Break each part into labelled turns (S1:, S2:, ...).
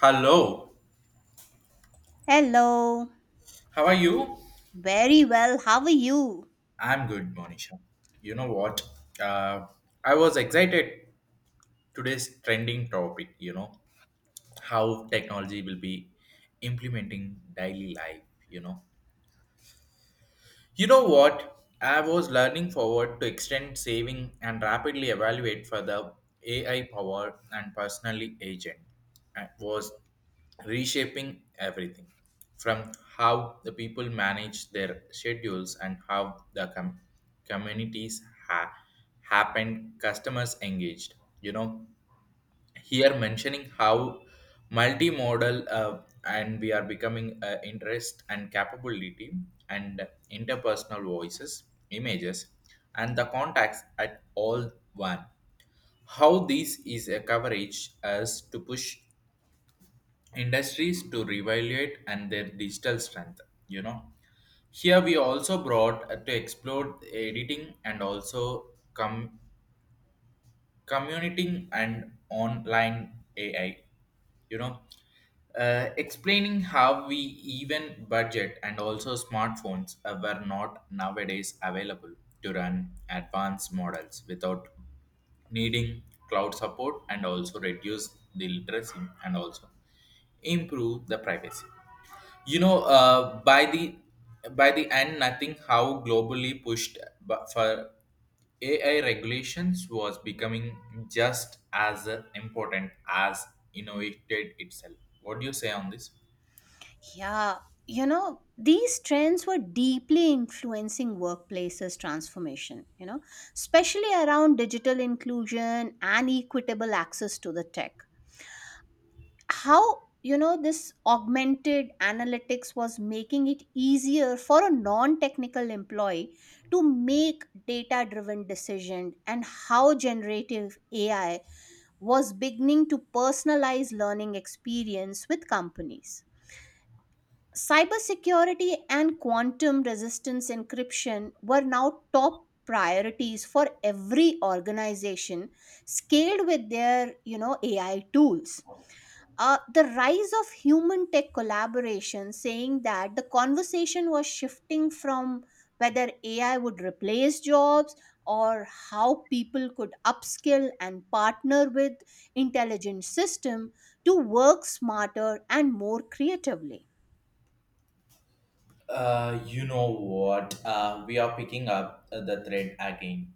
S1: Hello,
S2: Hello.
S1: how are you?
S2: Very well. How are you?
S1: I'm good, Monisha. You know what? Uh, I was excited today's trending topic, how technology will be implementing daily life, you know. You know what? I was learning forward to extend saving and rapidly evaluate for the AI power and personally agent was reshaping everything from how the people manage their schedules and how the communities ha- happened, customers engaged. You know, here mentioning how multimodal and we are becoming interest and capability and interpersonal voices, images, and the contacts at all one how this is a coverage as to push industries to reevaluate and their digital strength you know here we also brought to explore editing and also come commuting and online AI. You know, explaining how we even budget and also smartphones were not nowadays available to run advanced models without needing cloud support and also reduce the literacy and also improve the privacy you know uh, by the by the end nothing how globally pushed for AI regulations was becoming just as important as innovated itself. What do you say on this?
S2: Yeah, you know, these trends were deeply influencing workplaces transformation, you know, especially around digital inclusion and equitable access to the tech. How, you know, this augmented analytics was making it easier for a non-technical employee to make data driven decision, and how generative ai was beginning to personalize learning experience with companies. Cybersecurity and quantum resistance encryption were now top priorities for every organization scaled with their, you know, ai tools. The rise of human tech collaboration, saying that the conversation was shifting from whether AI would replace jobs or how people could upskill and partner with intelligent system to work smarter and more creatively.
S1: You know what? We are picking up the thread again.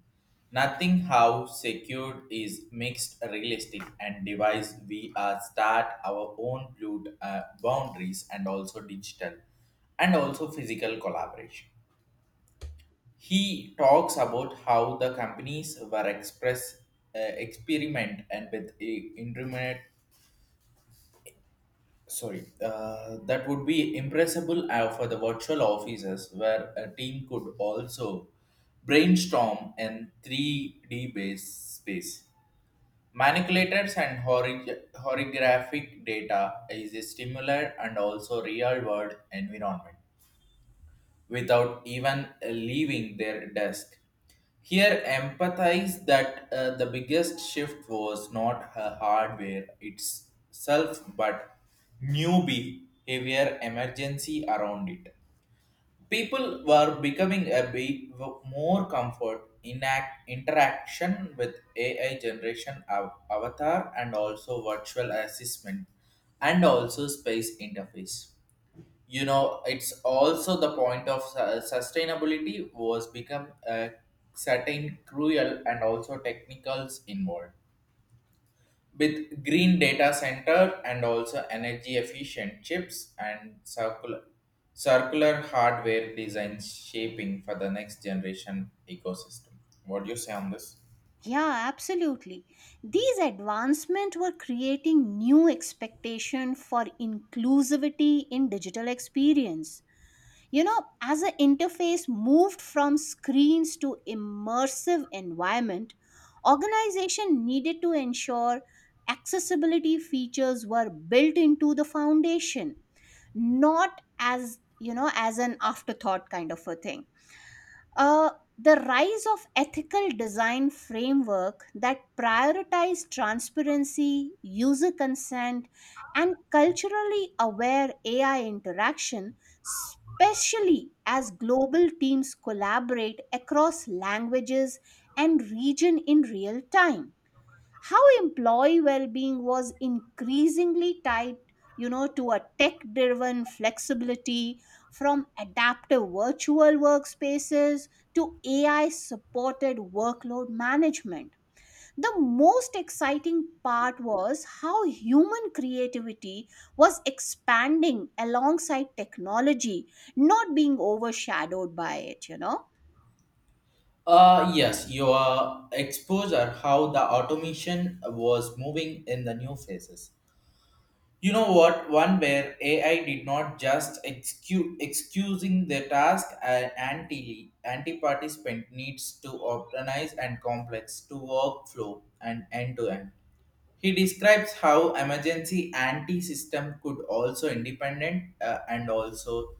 S1: Nothing how secured is mixed realistic and device. We are start our own blue boundaries and also digital and also physical collaboration. He talks about how the companies were express experiment and with internet that would be impressible for the virtual offices where a team could also brainstorm in 3D based space. Manipulators and hori horographic data is a stimuli and also real world environment without even leaving their desk. Here, empathize that the biggest shift was not her hardware itself, but new behavior emergency around it. People were becoming a bit more comfort in interaction with AI generation avatar and also virtual assistant and also space interface. It's also the point of sustainability was become a certain cruel and also technicals involved with green data center and also energy efficient chips and circular hardware design shaping for the next generation ecosystem. What do you say on this?
S2: Yeah, absolutely. These advancements were creating new expectation for inclusivity in digital experience, you know, as the interface moved from screens to immersive environment. Organization needed to ensure accessibility features were built into the foundation, not as, you know, as an afterthought kind of a thing. uh, the rise of ethical design framework that prioritize transparency, user consent, and culturally aware AI interaction, especially as global teams collaborate across languages and region in real time. How employee well-being was increasingly tied, you know, to a tech driven flexibility, from adaptive virtual workspaces to ai supported workload management. The most exciting part was how human creativity was expanding alongside technology, not being overshadowed by it, you know.
S1: Yes, your exposure how the automation was moving in the new phases. You know what? One where AI did not just excusing the task, anti participant needs to organize and complex to workflow and end to end. He describes how emergency anti system could also independent and also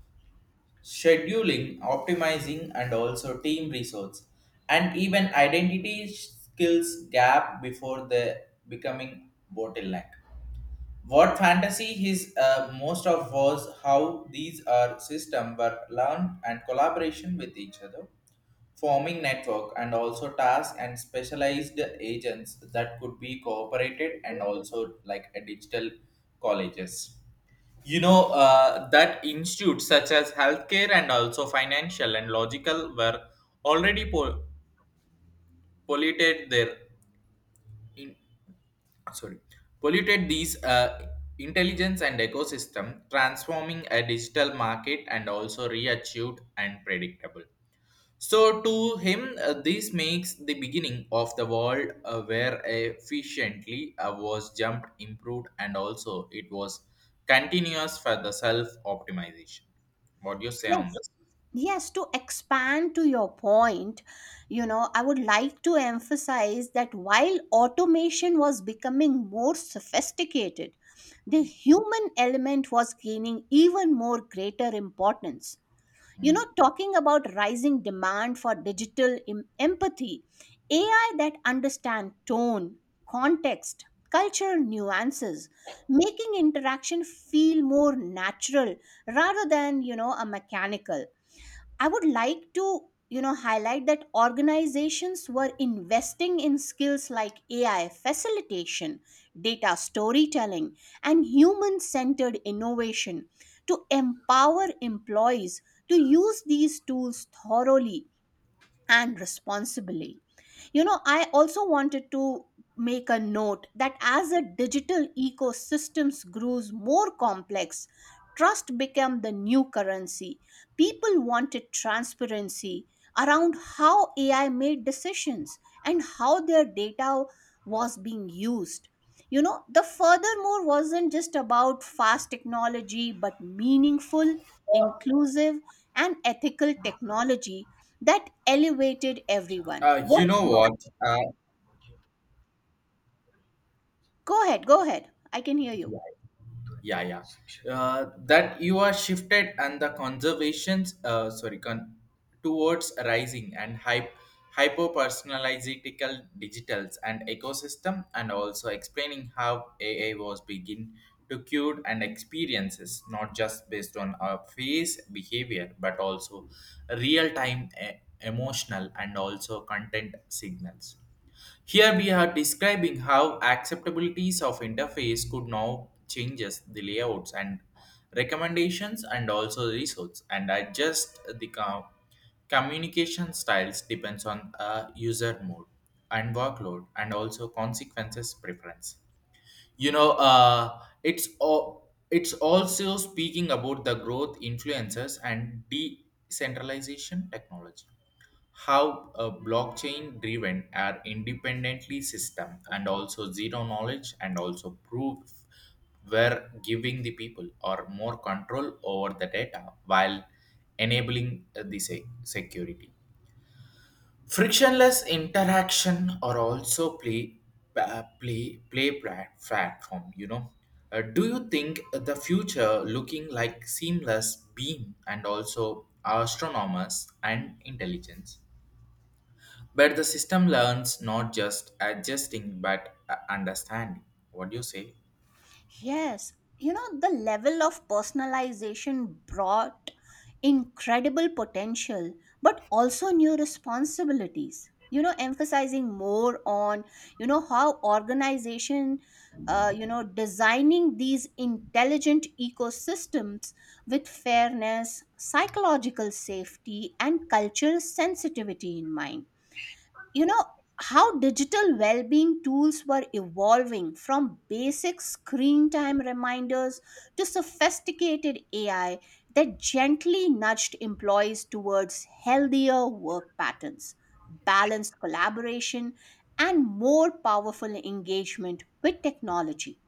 S1: scheduling, optimizing, and also team resource, and even identity skills gap before the becoming bottleneck. What fantasy his most of was how these are system were learned and collaboration with each other, forming network and also tasks and specialized agents that could be cooperated and also like a digital colleges. That institutes such as healthcare and also financial and logical were already polluted their in- sorry polluted these intelligence and ecosystem transforming a digital market and also reachieved and predictable. So to him, this makes the beginning of the world where efficiently was jumped improved and also it was continuous for the self optimization. What do you say on
S2: Yes,
S1: this?
S2: yes, to expand to your point, you know, I would like to emphasize that while automation was becoming more sophisticated, the human element was gaining even more greater importance. You
S1: Mm.
S2: know, talking about rising demand for digital empathy, AI that understand tone, context, cultural nuances, making interaction feel more natural rather than, you know, a mechanical. I would like to, you know, highlight that organizations were investing in skills like AI facilitation, data storytelling, and human centered innovation to empower employees to use these tools thoroughly and responsibly. You know, I also wanted to make a note that as a digital ecosystems grows more complex, trust became the new currency. People wanted transparency around how AI made decisions and how their data was being used. You know, the furthermore wasn't just about fast technology, but meaningful, inclusive, and ethical technology that elevated everyone.
S1: You
S2: What's
S1: know
S2: your?
S1: what? uh,
S2: Go ahead, go ahead. I can hear
S1: yeah,
S2: you.
S1: yeah, yeah. That you are shifted and the conservations towards rising and hyper personalizatical digitals and ecosystem and also explaining how AI was begin to cure and experiences not just based on our face behavior but also real time emotional and also content signals. Here we are describing how acceptabilities of interface could now changes the layouts and recommendations and also the results and adjust the communication styles depends on user mode and workload and also consequences preference. It's all. It's also speaking about the growth influences and decentralization technology how a blockchain driven are independently system and also zero knowledge and also proof were giving the people or more control over the data while enabling the security frictionless interaction or also play platform. Do you think the future looking like seamless beam and also astronomers and intelligence but the system learns not just adjusting but understanding. What do you say?
S2: Yes, you know, the level of personalization brought incredible potential, but also new responsibilities. You know, emphasizing more on, you know, how organization, you know, designing these intelligent ecosystems with fairness, psychological safety, and cultural sensitivity in mind. You know, how digital well-being tools were evolving from basic screen time reminders to sophisticated ai that gently nudged employees towards healthier work patterns, balanced collaboration, and more powerful engagement with technology.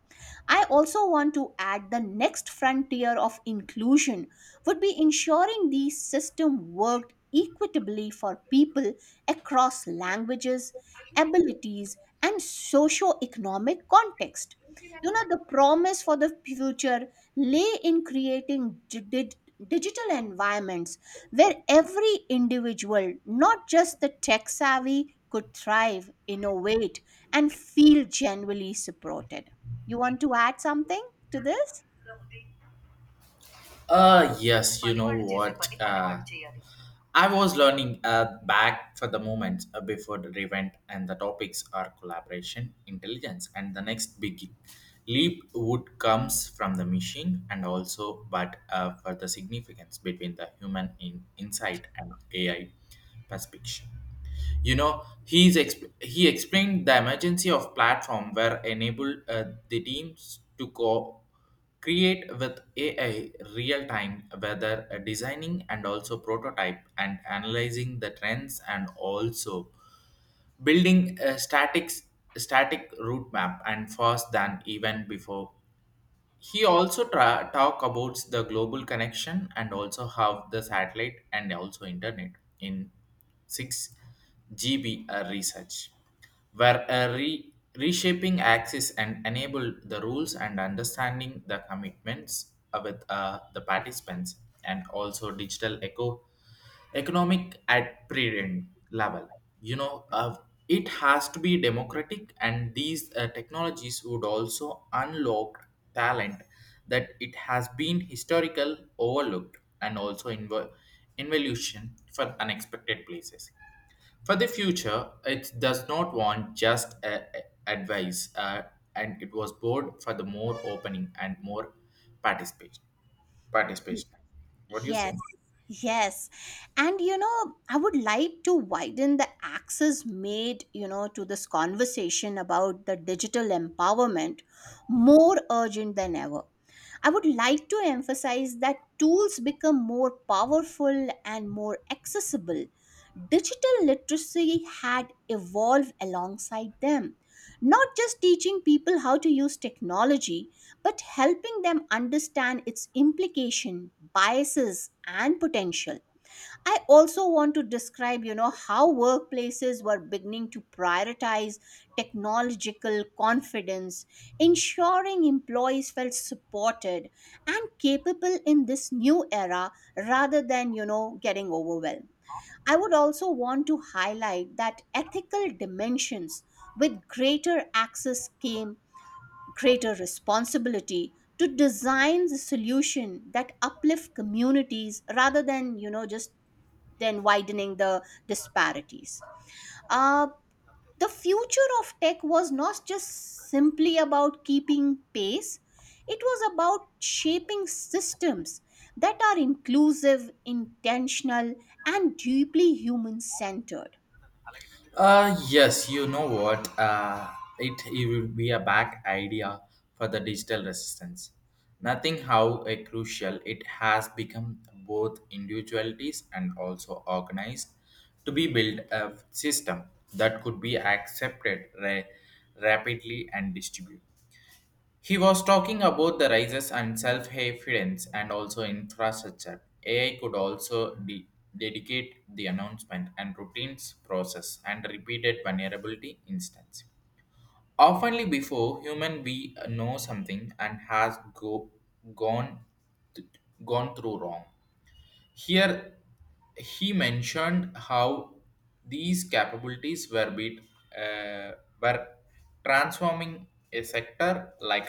S2: I also want to add the next frontier of inclusion would be ensuring the system worked equitably for people across languages, abilities, and socio-economic context. You know, the promise for the future lay in creating digital environments where every individual, not just the tech savvy, could thrive, innovate, and feel genuinely supported. You want to add something to this?
S1: Yes, you know what? I was learning back for the moment before the event, and the topics are collaboration, intelligence, and the next big leap would comes from the machine and also, but for the significance between the human in insight and AI perspective. He's he explained the emergency of platform where enabled the teams to create with AI real time whether designing and also prototype and analyzing the trends and also building a static route map and fast than even before. He also talk about the global connection and also have the satellite and also internet in 6GB research, where reshaping access and enable the rules and understanding the commitments with the participants and also digital economic at pre level. You know uh, it has to be democratic and these technologies would also unlock talent that it has been historical overlooked and also involution for unexpected places for the future it does not want just advice and it was bored for the more opening and more participation participation. What do you
S2: Yes,
S1: think?
S2: yes. And you know, I would like to widen the access made, you know, to this conversation about the digital empowerment more urgent than ever. I would like to emphasize that tools become more powerful and more accessible. Digital literacy had evolved alongside them, not just teaching people how to use technology, but helping them understand its implication, biases, and potential. I also want to describe, you know, how workplaces were beginning to prioritize technological confidence, ensuring employees felt supported and capable in this new era rather than, you know, getting overwhelmed. I would also want to highlight that ethical dimensions, with greater access came greater responsibility to design the solution that uplift communities rather than, you know, just then widening the disparities. uh, the future of tech was not just simply about keeping pace. It was about shaping systems that are inclusive, intentional, and deeply human centered.
S1: Yes, you know what? It will be a back idea for the digital resistance. Nothing how a crucial it has become both individualities and also organized to be built a system that could be accepted rapidly and distributed. He was talking about the rises and self-confidence and also infrastructure. AI could also dedicate the announcement and routines process and repeated vulnerability instance. Oftenly before human we know something and has gone th- gone through wrong. Here he mentioned how these capabilities uh, were transforming a sector like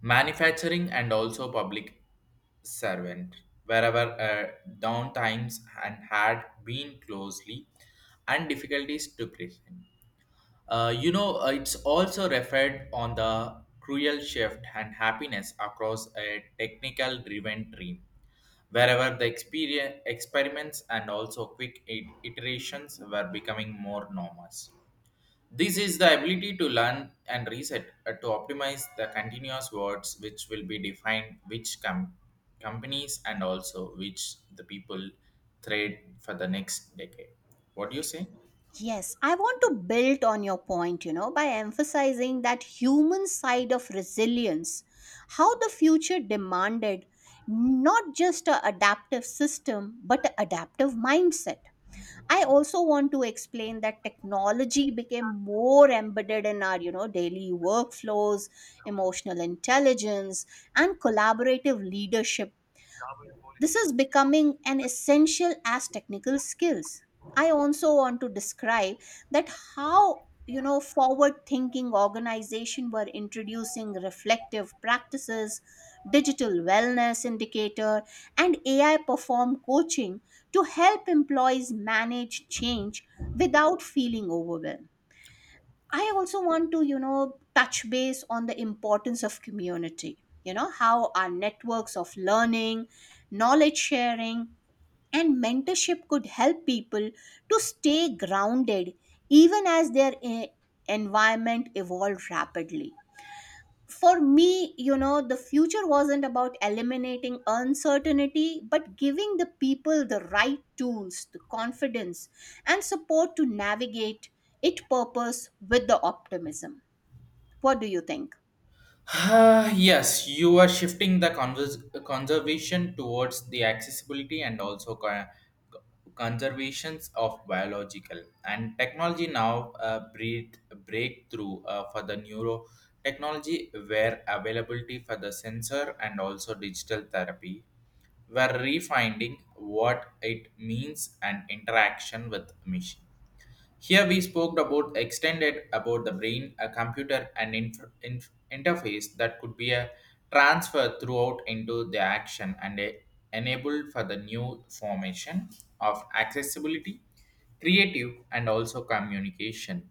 S1: manufacturing and also public servant wherever downtimes and had been closely and difficulties to present. It's also referred on the cruel shift and happiness across a technical driven dream wherever the experience experiments and also quick iterations were becoming more normal. This is the ability to learn and reset to optimize the continuous words which will be defined which companies and also which the people trade for the next decade. What do you say?
S2: Yes, I want to build on your point, you know, by emphasizing that human side of resilience, how the future demanded not just a adaptive system, but an adaptive mindset. I also want to explain that technology became more embedded in our, you know, daily workflows. Emotional intelligence and collaborative leadership, this is becoming an essential as technical skills. I also want to describe that how, you know, forward thinking organization were introducing reflective practices, digital wellness indicator, and ai perform coaching to help employees manage change without feeling overwhelmed. I also want to, you know, touch base on the importance of community, you know, how our networks of learning, knowledge sharing, and mentorship could help people to stay grounded even as their environment evolves rapidly. For me, you know, the future wasn't about eliminating uncertainty, but giving the people the right tools, the confidence, and support to navigate it purpose with the optimism. What do you think?
S1: Ah, yes, you are shifting the conservation towards the accessibility and also conservations of biological and technology now breakthrough for the neuro technology where availability for the sensor and also digital therapy were refining what it means and interaction with machine. Here we spoke about extended about the brain, a computer, and interface that could be a transfer throughout into the action and enabled for the new formation of accessibility, creative, and also communication.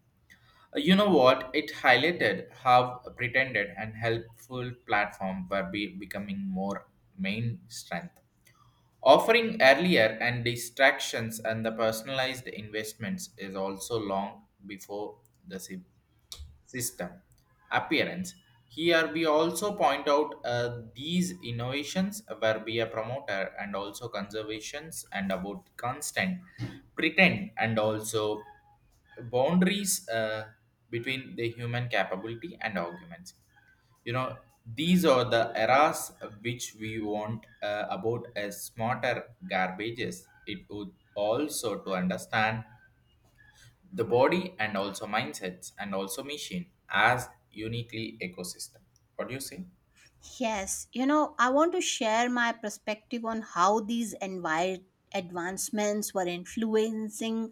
S1: You know what? It highlighted how pretended and helpful platform were be becoming more main strength. Offering earlier and distractions and the personalized investments is also long before the sip system appearance. Here we also point out these innovations were be a promoter and also conservations and about constant pretend and also boundaries between the human capability and arguments. You know these are the eras which we want about a smarter garbages. It would also to understand the body and also mindsets and also machine as uniquely ecosystem. What do you say?
S2: Yes, you know, I want to share my perspective on how these advancements were influencing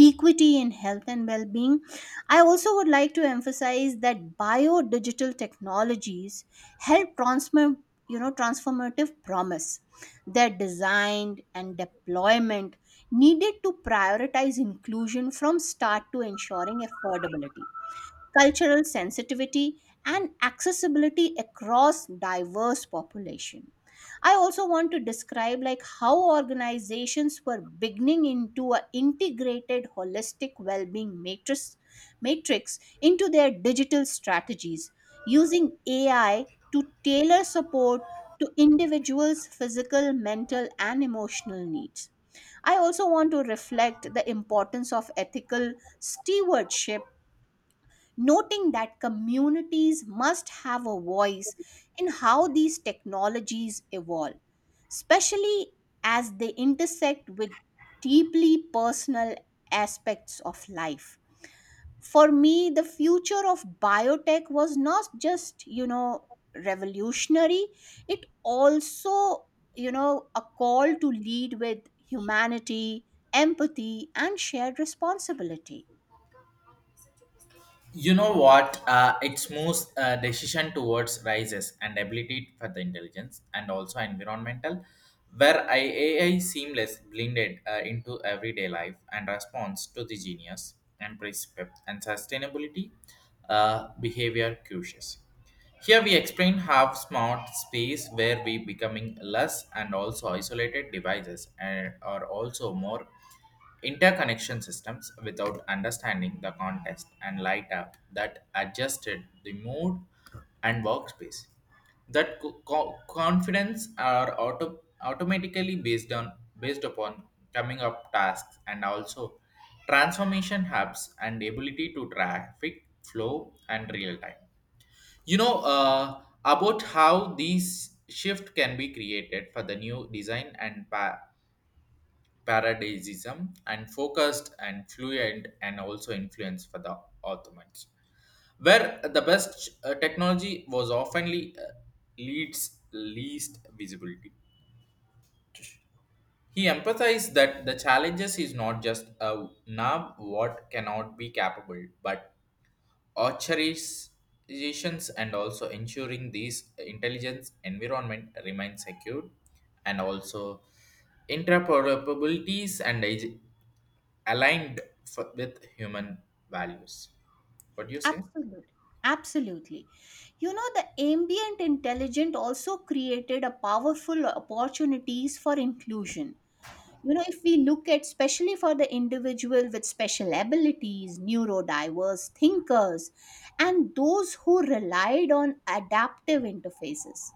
S2: equity in health and well being. I also would like to emphasize that bio digital technologies help transform, you know, transformative promise. Their design and deployment needed to prioritize inclusion from start to ensuring affordability, cultural sensitivity, and accessibility across diverse population. I also want to describe like how organizations were beginning into a integrated holistic well-being matrix into their digital strategies, using ai to tailor support to individuals physical, mental, and emotional needs. I also want to reflect the importance of ethical stewardship, noting that communities must have a voice in how these technologies evolve, especially as they intersect with deeply personal aspects of life. For me, the future of biotech was not just, you know, revolutionary, it also, you know, a call to lead with humanity, empathy, and shared responsibility.
S1: You know what? Its moves decision towards rises and ability for the intelligence and also environmental where AI seamless blended into everyday life and response to the genius and precept and sustainability behavior cues. Here we explain how smart space where we becoming less and also isolated devices and are also more interconnection systems without understanding the context and light up that adjusted the mood and workspace. That confidence are automatically based upon coming up tasks and also transformation hubs and ability to traffic flow and real time. About how these shift can be created for the new design and paradisism and focused and fluent and also influence for the Ottomans, where the best technology was oftenly leads least visibility. He emphasized that the challenges is not just a now what cannot be capable, but authorizations and also ensuring these intelligence environment remain secure and also interoperabilities and aligned for, with human values. What do you say?
S2: Absolutely. Absolutely. You know, the ambient intelligent also created a powerful opportunities for inclusion, you know, if we look at especially for the individual with special abilities, neurodiverse thinkers, and those who relied on adaptive interfaces.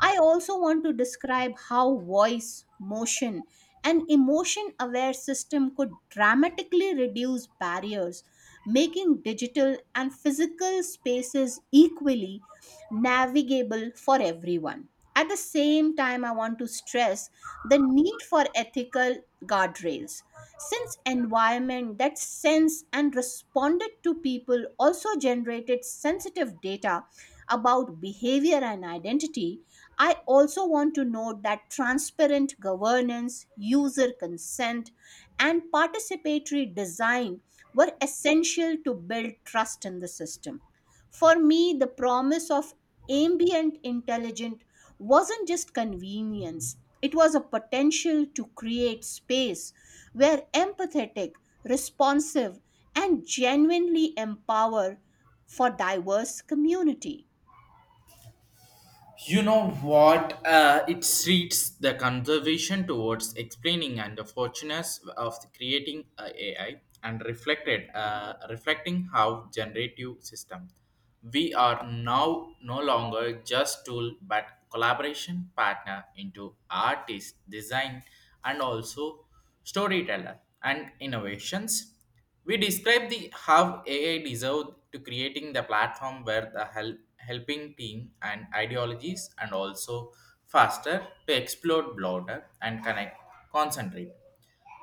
S2: I also want to describe how voice, motion, and emotion aware system could dramatically reduce barriers, making digital and physical spaces equally navigable for everyone. At the same time, I want to stress the need for ethical guardrails. Since environment that sense and responded to people also generated sensitive data about behavior and identity, I also want to note that transparent governance, user consent, and participatory design were essential to build trust in the system. For me, the promise of ambient intelligence wasn't just convenience, it was a potential to create space where empathetic, responsive, and genuinely empower for diverse community.
S1: You know what? It treats the conservation towards explaining and the fortunes of the creating AI and reflected reflecting how generative system. We are now no longer just tool but collaboration partner into artist, design, and also storyteller and innovations. We describe the how AI deserved to creating the platform where the helping team and ideologies and also faster to explore broader and connect concentrate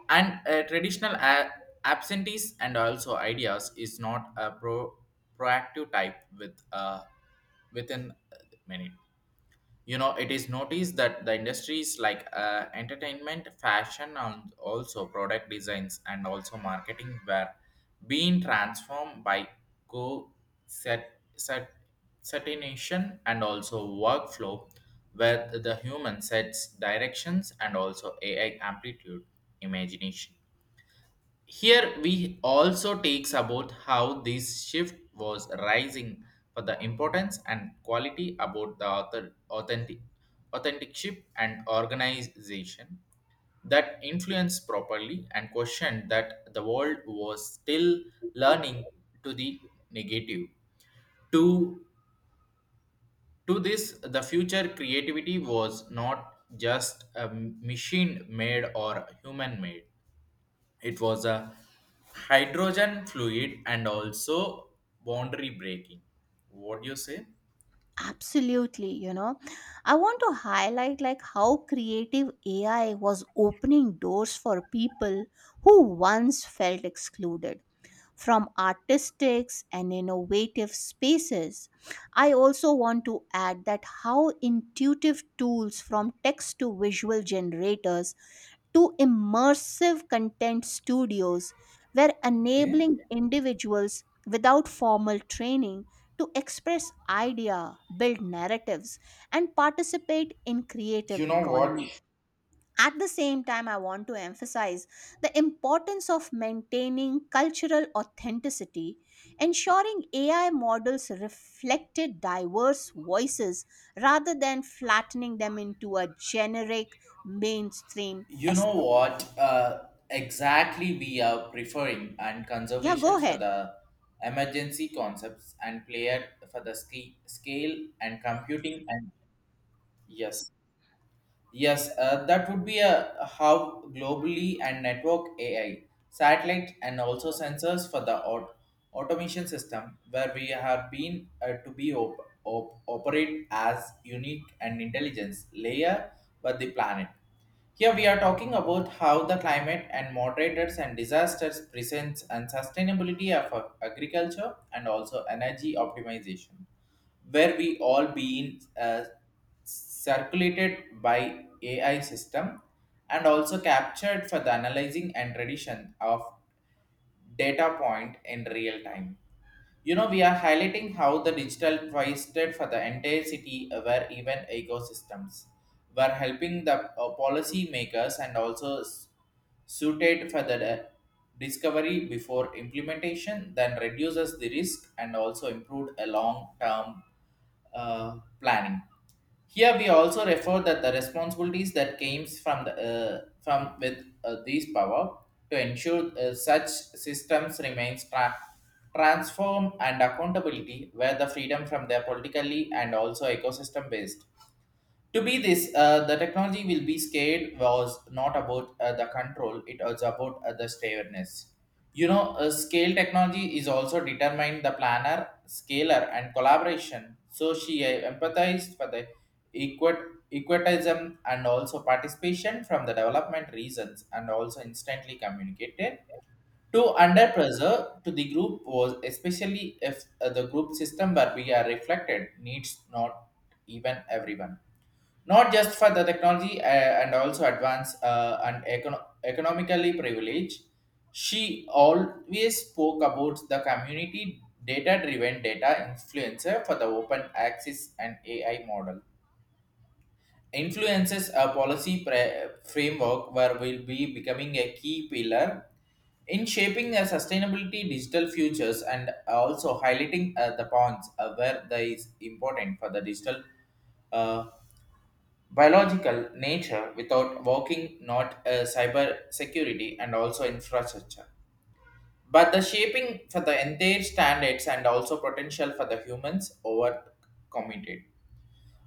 S1: and traditional absentees and also ideas is not a proactive type with within a minute. You know, it is noticed that the industries like entertainment fashion and also product designs and also marketing were being transformed by co set certination and also workflow where the human sets directions and also ai amplitude imagination. Here we also takes about how this shift was rising for the importance and quality about the author authentic authenticship and organization that influenced properly and questioned that the world was still learning to the negative. To to this, the future creativity was not just a machine made or human made, it was a hydrogen fluid and also boundary breaking. What do you say?
S2: Absolutely, you know. I want to highlight like how creative AI was opening doors for people who once felt excluded from artistic and innovative spaces. I also want to add that how intuitive tools, from text to visual generators to immersive content studios, were
S1: Okay.
S2: enabling individuals without formal training to express idea, build narratives, and participate in creative
S1: You know what?
S2: economy. At the same time, I want to emphasize the importance of maintaining cultural authenticity, ensuring AI models reflected diverse voices rather than flattening them into a generic mainstream
S1: You know
S2: aesthetic.
S1: what? Exactly, we are preferring and
S2: Yeah, go
S1: conservations for
S2: ahead.
S1: the emergency concepts and player for the scale and computing and yes. Yes, that would be a how globally and network AI, satellite, and also sensors for the automation system, where we have been to be operate as unique and intelligence layer with the planet. Here we are talking about how the climate and moderators and disasters presents and sustainability of agriculture and also energy optimization, where we all being circulated by AI system and also captured for the analyzing and tradition of data point in real time. You know, we are highlighting how the digital wasted for the entire city were even ecosystems were helping the policy makers and also suited for the discovery before implementation then reduces the risk and also improved a long term planning. Here we also refer that the responsibilities that came from the from with these power to ensure such systems remains transform and accountability where the freedom from their politically and also ecosystem based. To be this, the technology will be scared was not about the control, it was about the stairness. You know, scale technology is also determined the planner, scalar, and collaboration. So she empathized for the equitism and also participation from the development reasons and also instantly communicated. To under pressure to the group was especially if the group system where we are reflected needs not even everyone, not just for the technology and also advance and economically privilege. She always spoke about the community data driven data influencer for the open access and ai model influences a policy framework where will be becoming a key pillar in shaping a sustainability digital futures and also highlighting the points where there is important for the digital uh, biological nature without walking not cyber security and also infrastructure but the shaping for the entire standards and also potential for the humans over committed.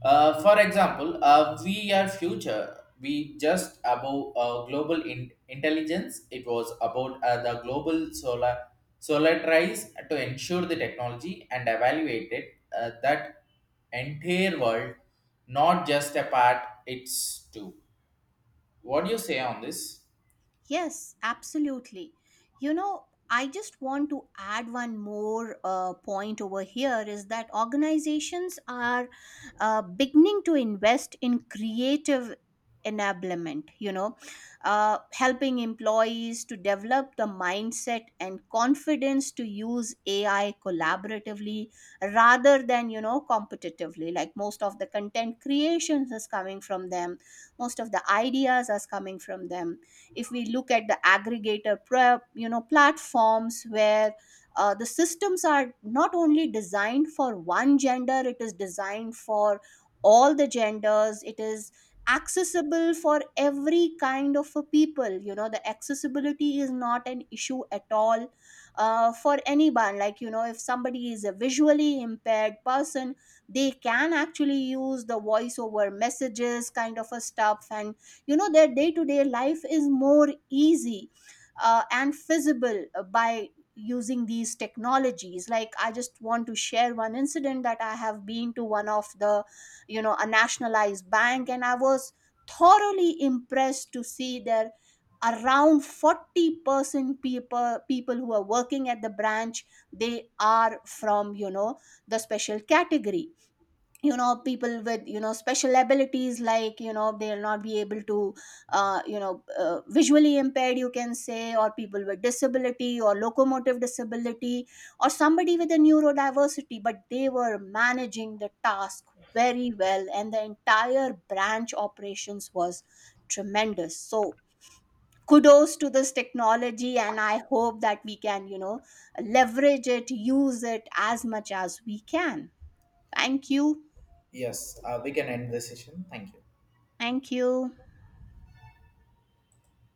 S1: For example, we are future. We just above global intelligence. It was about the global solarize to ensure the technology and evaluated that entire world, not just a part. It's two. What do you say on this?
S2: Yes, absolutely. You know, I just want to add one more point over here is that organizations are, beginning to invest in creative enablement, you know, helping employees to develop the mindset and confidence to use AI collaboratively rather than, you know, competitively. Like most of the content creations is coming from them, most of the ideas is coming from them. If we look at the aggregator you know, platforms where, the systems are not only designed for one gender, it is designed for all the genders. It is accessible for every kind of a people. You know, the accessibility is not an issue at all, for anyone. Like, you know, if somebody is a visually impaired person, they can actually use the voice over messages kind of a stuff, and you know, their day to day life is more easy, and feasible, by using these technologies. Like, I just want to share one incident that I have been to one of the, you know, a nationalized bank, and I was thoroughly impressed to see their around 40% people who are working at the branch. They are from, you know, the special category, you know, people with, you know, special abilities. Like, you know, they'll not be able to, you know, visually impaired you can say, or people with disability or locomotive disability, or somebody with a neurodiversity. But they were managing the task very well, and the entire branch operations was tremendous. So kudos to this technology, and I hope that we can, you know, leverage it, use it as much as we can. Thank you.
S1: Yes, we can end this session. Thank you.
S2: Thank you.